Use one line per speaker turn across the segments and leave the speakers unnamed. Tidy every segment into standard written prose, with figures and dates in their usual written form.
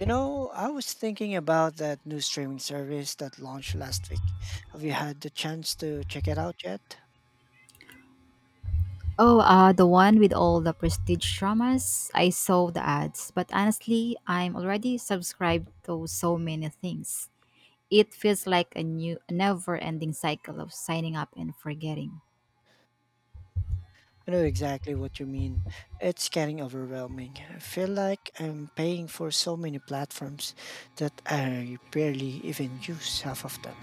You know, I was thinking about that new streaming service that launched last week. Have you had the chance to check it out yet?
Oh, the one with all the prestige dramas. I saw the ads, but honestly, I'm already subscribed to so many things. It feels like a new, never-ending cycle of signing up and forgetting.
I know exactly what you mean. It's getting overwhelming. I feel like I'm paying for so many platforms that I barely even use half of them.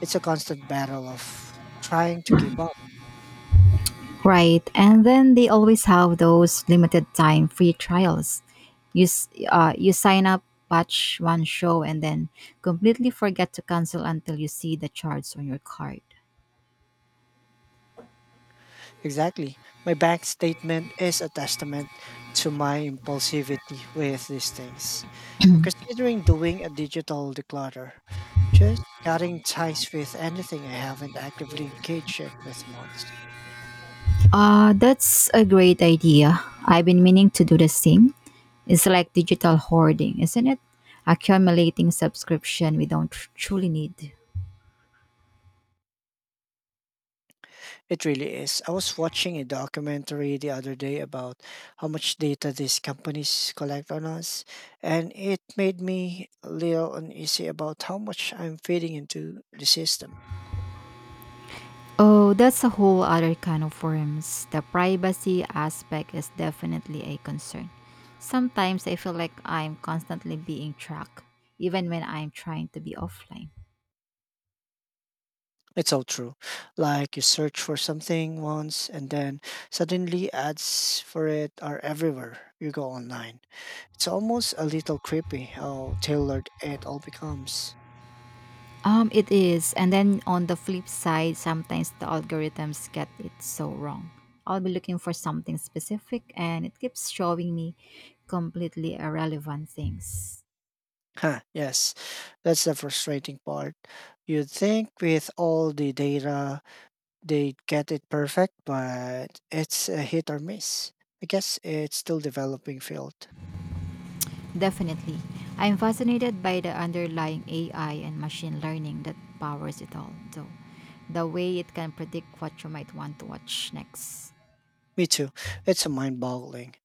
It's a constant battle of trying to keep up.
Right, and then they always have those limited-time free trials. You sign up, watch one show, and then completely forget to cancel until you see the charts on your card.
Exactly. My bank statement is a testament to my impulsivity with these things. I'm considering doing a digital declutter, just cutting ties with anything I haven't actively engaged in with months.
That's a great idea. I've been meaning to do the same. It's like digital hoarding, isn't it? Accumulating subscription we don't truly need.
It really is. I was watching a documentary the other day about how much data these companies collect on us, and it made me a little uneasy about how much I'm feeding into the system.
Oh, that's a whole other kind of worms. The privacy aspect is definitely a concern. Sometimes I feel like I'm constantly being tracked, even when I'm trying to be offline.
It's all true. Like you search for something once and then suddenly ads for it are everywhere. You go online. It's almost a little creepy how tailored it all becomes.
It is. And then on the flip side, sometimes the algorithms get it so wrong. I'll be looking for something specific and it keeps showing me completely irrelevant things.
Huh, yes. That's the frustrating part. You'd think with all the data they'd get it perfect, but it's a hit or miss. I guess it's still developing field.
Definitely. I'm fascinated by the underlying AI and machine learning that powers it all, though. The way it can predict what you might want to watch next.
Me too. It's a mind boggling.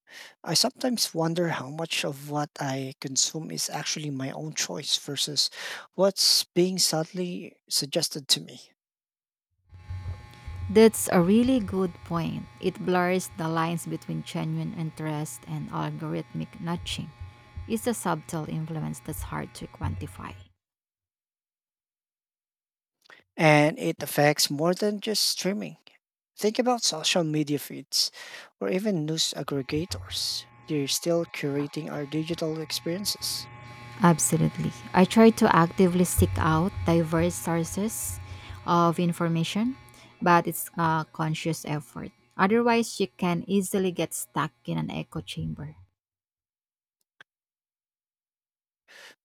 I sometimes wonder how much of what I consume is actually my own choice versus what's being subtly suggested to me.
That's a really good point. It blurs the lines between genuine interest and algorithmic nudging. It's a subtle influence that's hard to quantify.
And it affects more than just streaming. Think about social media feeds or even news aggregators. They're still curating our digital experiences.
Absolutely. I try to actively seek out diverse sources of information, but it's a conscious effort. Otherwise, you can easily get stuck in an echo chamber.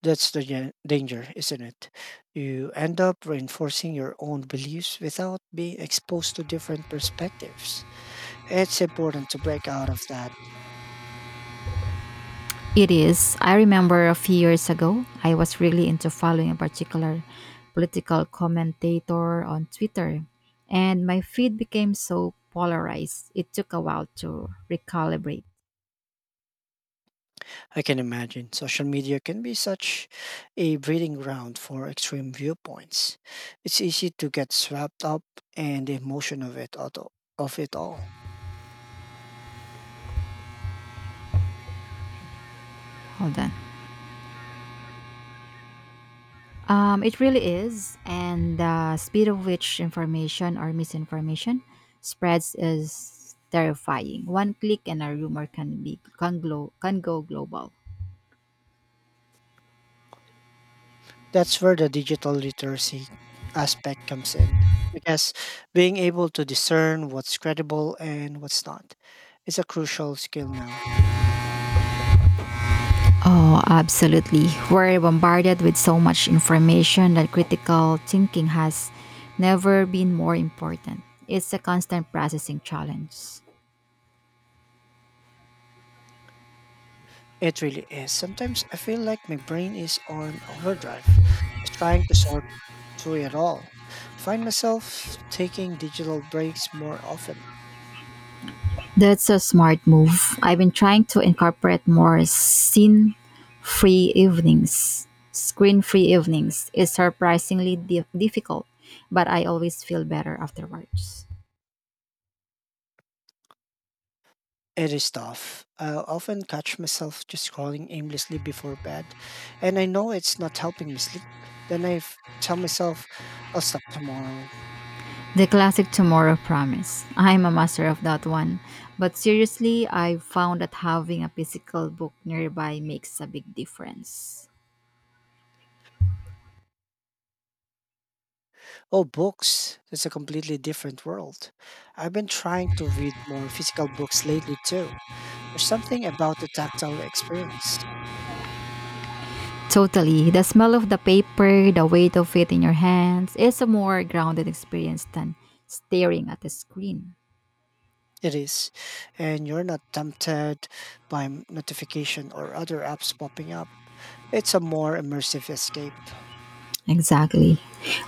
That's the danger, isn't it? You end up reinforcing your own beliefs without being exposed to different perspectives. It's important to break out of that.
It is. I remember a few years ago, I was really into following a particular political commentator on Twitter, and my feed became so polarized. It took a while to recalibrate.
I can imagine social media can be such a breeding ground for extreme viewpoints. It's easy to get swept up in the emotion of it all.
Hold on. It really is, and the speed of which information or misinformation spreads is terrifying. One click and a rumor can go global.
That's where the digital literacy aspect comes in. I guess being able to discern what's credible and what's not is a crucial skill now.
Oh, absolutely. We're bombarded with so much information that critical thinking has never been more important. It's a constant processing challenge.
It really is. Sometimes I feel like my brain is on overdrive, just trying to sort through it all. Find myself taking digital breaks more often.
That's a smart move. I've been trying to incorporate more scene free evenings, screen free evenings. It's surprisingly difficult, but I always feel better afterwards.
It is tough. I often catch myself just scrolling aimlessly before bed, and I know it's not helping me sleep. Then I tell myself, I'll stop tomorrow.
The classic tomorrow promise. I'm a master of that one. But seriously, I've found that having a physical book nearby makes a big difference.
Oh, books. That's a completely different world. I've been trying to read more physical books lately, too. There's something about the tactile experience.
Totally. The smell of the paper, the weight of it in your hands, is a more grounded experience than staring at a screen.
It is. And you're not tempted by notification or other apps popping up. It's a more immersive escape.
Exactly.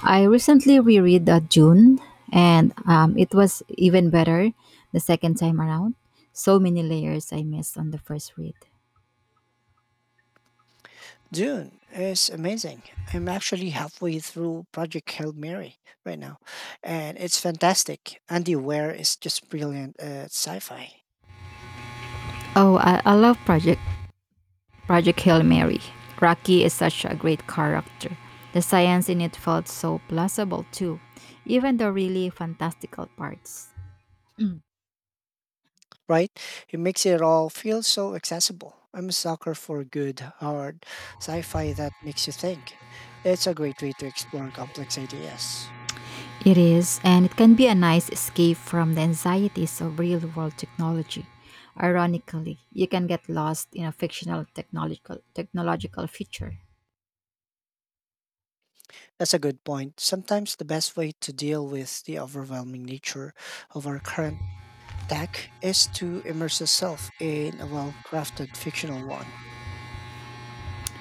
I recently reread that June, and it was even better the second time around. So many layers I missed on the first read.
Dune is amazing. I'm actually halfway through Project Hail Mary right now, and it's fantastic. Andy Ware is just brilliant at sci fi,
Oh, I love *Project*. Project Hail Mary. Rocky is such a great character. The science in it felt so plausible too, even the really fantastical parts.
right? He makes it all feel so accessible. I'm a sucker for good, hard sci fi that makes you think. It's a great way to explore complex ideas.
It is, and it can be a nice escape from the anxieties of real world technology. Ironically, you can get lost in a fictional technological future.
That's a good point. Sometimes the best way to deal with the overwhelming nature of our current tech is to immerse yourself in a well crafted fictional one.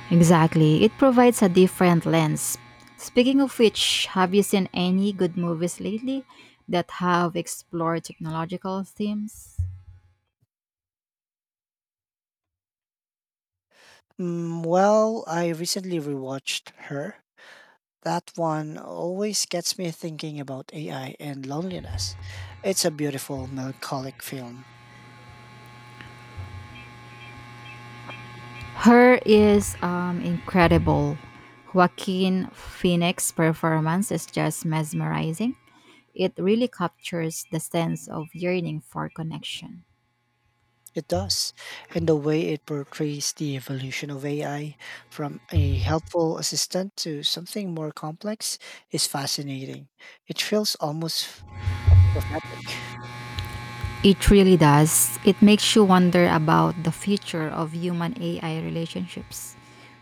Exactly, it provides a different lens. Speaking of which, have you seen any good movies lately that have explored technological themes?
Mm, well, I recently rewatched her. That one always gets me thinking about AI and loneliness. It's a beautiful, melancholic film.
Her is incredible. Joaquin Phoenix's performance is just mesmerizing. It really captures the sense of yearning for connection.
It does. And the way it portrays the evolution of AI from a helpful assistant to something more complex is fascinating. It feels almost prophetic.
It really does. It makes you wonder about the future of human AI relationships.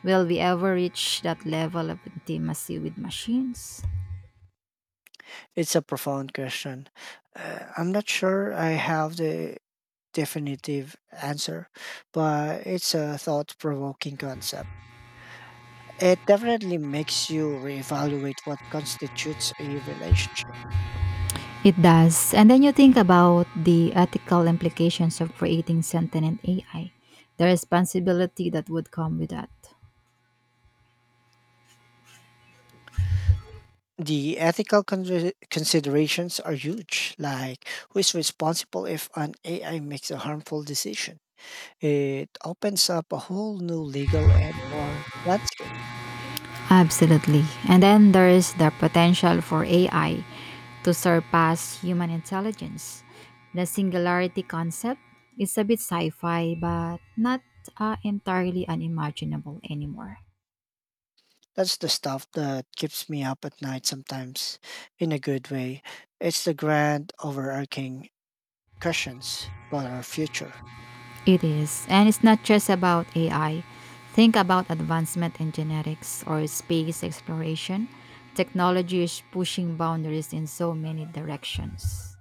Will we ever reach that level of intimacy with machines?
It's a profound question. I'm not sure I have the definitive answer, but it's a thought provoking concept. It definitely makes you reevaluate what constitutes a relationship.
It does. And then you think about the ethical implications of creating sentient AI, the responsibility that would come with that.
The ethical considerations are huge. Like, who is responsible if an AI makes a harmful decision? It opens up a whole new legal and moral landscape.
Absolutely. And then there is the potential for AI to surpass human intelligence. The singularity concept is a bit sci fi, but not entirely unimaginable anymore.
That's the stuff that keeps me up at night sometimes, in a good way. It's the grand overarching questions about our future.
It is. And it's not just about AI. Think about advancement in genetics or space exploration. Technology is pushing boundaries in so many directions.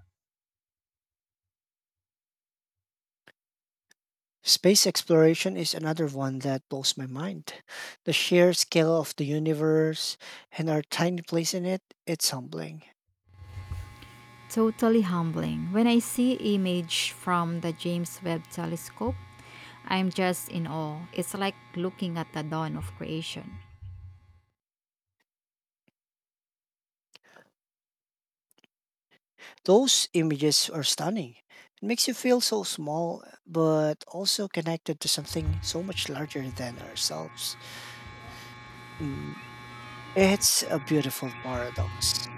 Space exploration is another one that blows my mind. The sheer scale of the universe and our tiny place in it, it's humbling.
Totally humbling. When I see image from the James Webb Telescope, I'm just in awe. It's like looking at the dawn of creation.
Those images are stunning. It makes you feel so small, but also connected to something so much larger than ourselves. Mm, it's a beautiful paradox.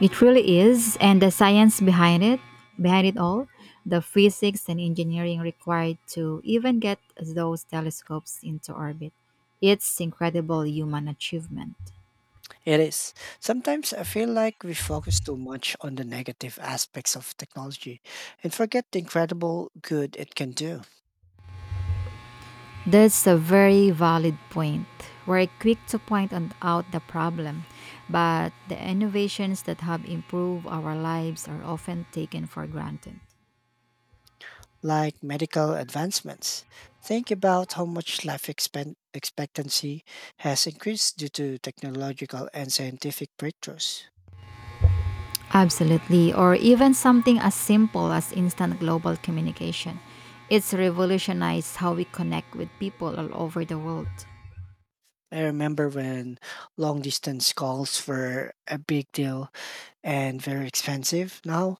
It really is, and the science behind it all, the physics and engineering required to even get those telescopes into orbit. It's incredible human achievement.
It is. Sometimes I feel like we focus too much on the negative aspects of technology and forget the incredible good it can do,
That's a very valid point. We're quick to point out the problem, but the innovations that have improved our lives are often taken for granted.
like medical advancements. Think about how much life expectancy has increased due to technological and scientific breakthroughs.
Absolutely, or even something as simple as instant global communication. It's revolutionized how we connect with people all over the world.
I remember when long distance calls were a big deal and very expensive. Now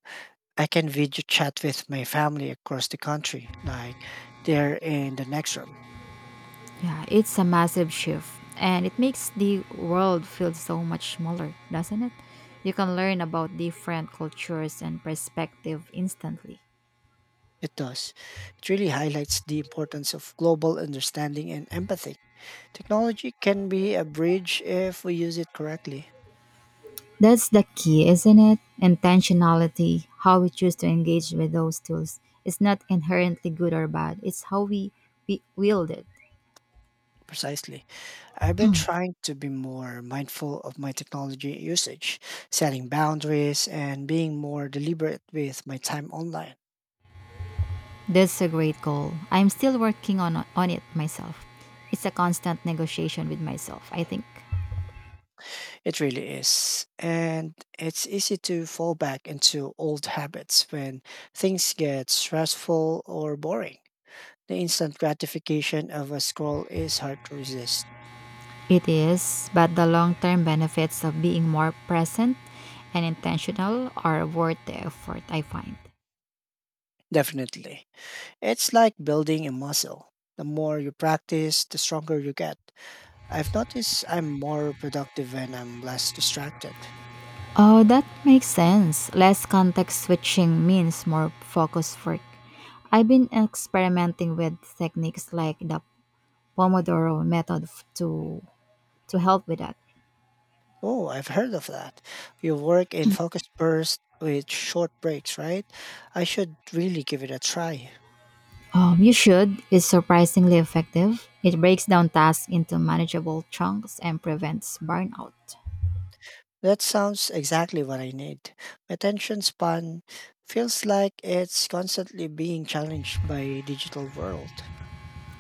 I can video chat with my family across the country, like they're in the next room.
Yeah, it's a massive shift, and it makes the world feel so much smaller, doesn't it? You can learn about different cultures and perspective instantly.
It does. It really highlights the importance of global understanding and empathy. Technology can be a bridge if we use it correctly.
That's the key, isn't it? Intentionality, how we choose to engage with those tools. It's not inherently good or bad, it's how we wield it.
Precisely. I've been trying to be more mindful of my technology usage, setting boundaries, and being more deliberate with my time online.
That's a great goal. I'm still working on it myself. It's a constant negotiation with myself, I think.
It really is. And it's easy to fall back into old habits when things get stressful or boring. The instant gratification of a scroll is hard to resist.
It is, but the long term benefits of being more present and intentional are worth the effort, I find.
Definitely. It's like building a muscle. The more you practice, the stronger you get. I've noticed I'm more productive when I'm less distracted.
Oh, that makes sense. Less context switching means more focused work. I've been experimenting with techniques like the Pomodoro method to help with that.
Oh, I've heard of that. You work in focus bursts with short breaks, right? I should really give it a try.
You should. It's surprisingly effective. It breaks down tasks into manageable chunks and prevents burnout.
That sounds exactly what I need. My attention span feels like it's constantly being challenged by digital world.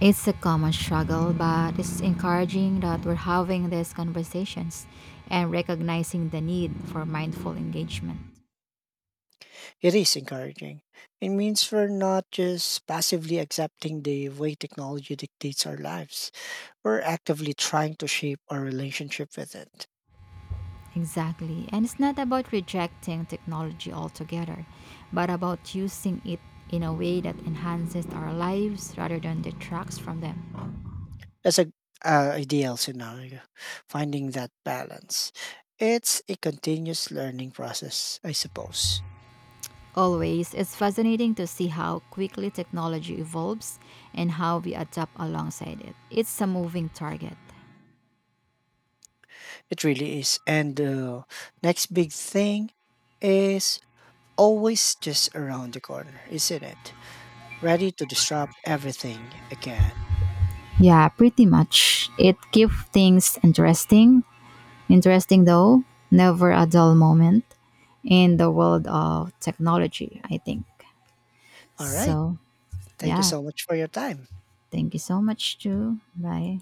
It's a common struggle, but it's encouraging that we're having these conversations and recognizing the need for mindful engagement.
It is encouraging. It means we're not just passively accepting the way technology dictates our lives. We're actively trying to shape our relationship with it.
Exactly. And it's not about rejecting technology altogether, but about using it in a way that enhances our lives rather than detracts from them.
That's a, ideal scenario. Finding that balance. It's a continuous learning process, I suppose.
Always, it's fascinating to see how quickly technology evolves and how we adapt alongside it. It's a moving target.
It really is. And the next big thing is always just around the corner, isn't it? Ready to disrupt everything again.
Yeah, pretty much. It keeps things interesting. Interesting though, never a dull moment in the world of technology, I think.
All right.
So,
Thank you
yeah,
so much for your time.
thank you so much too. Bye.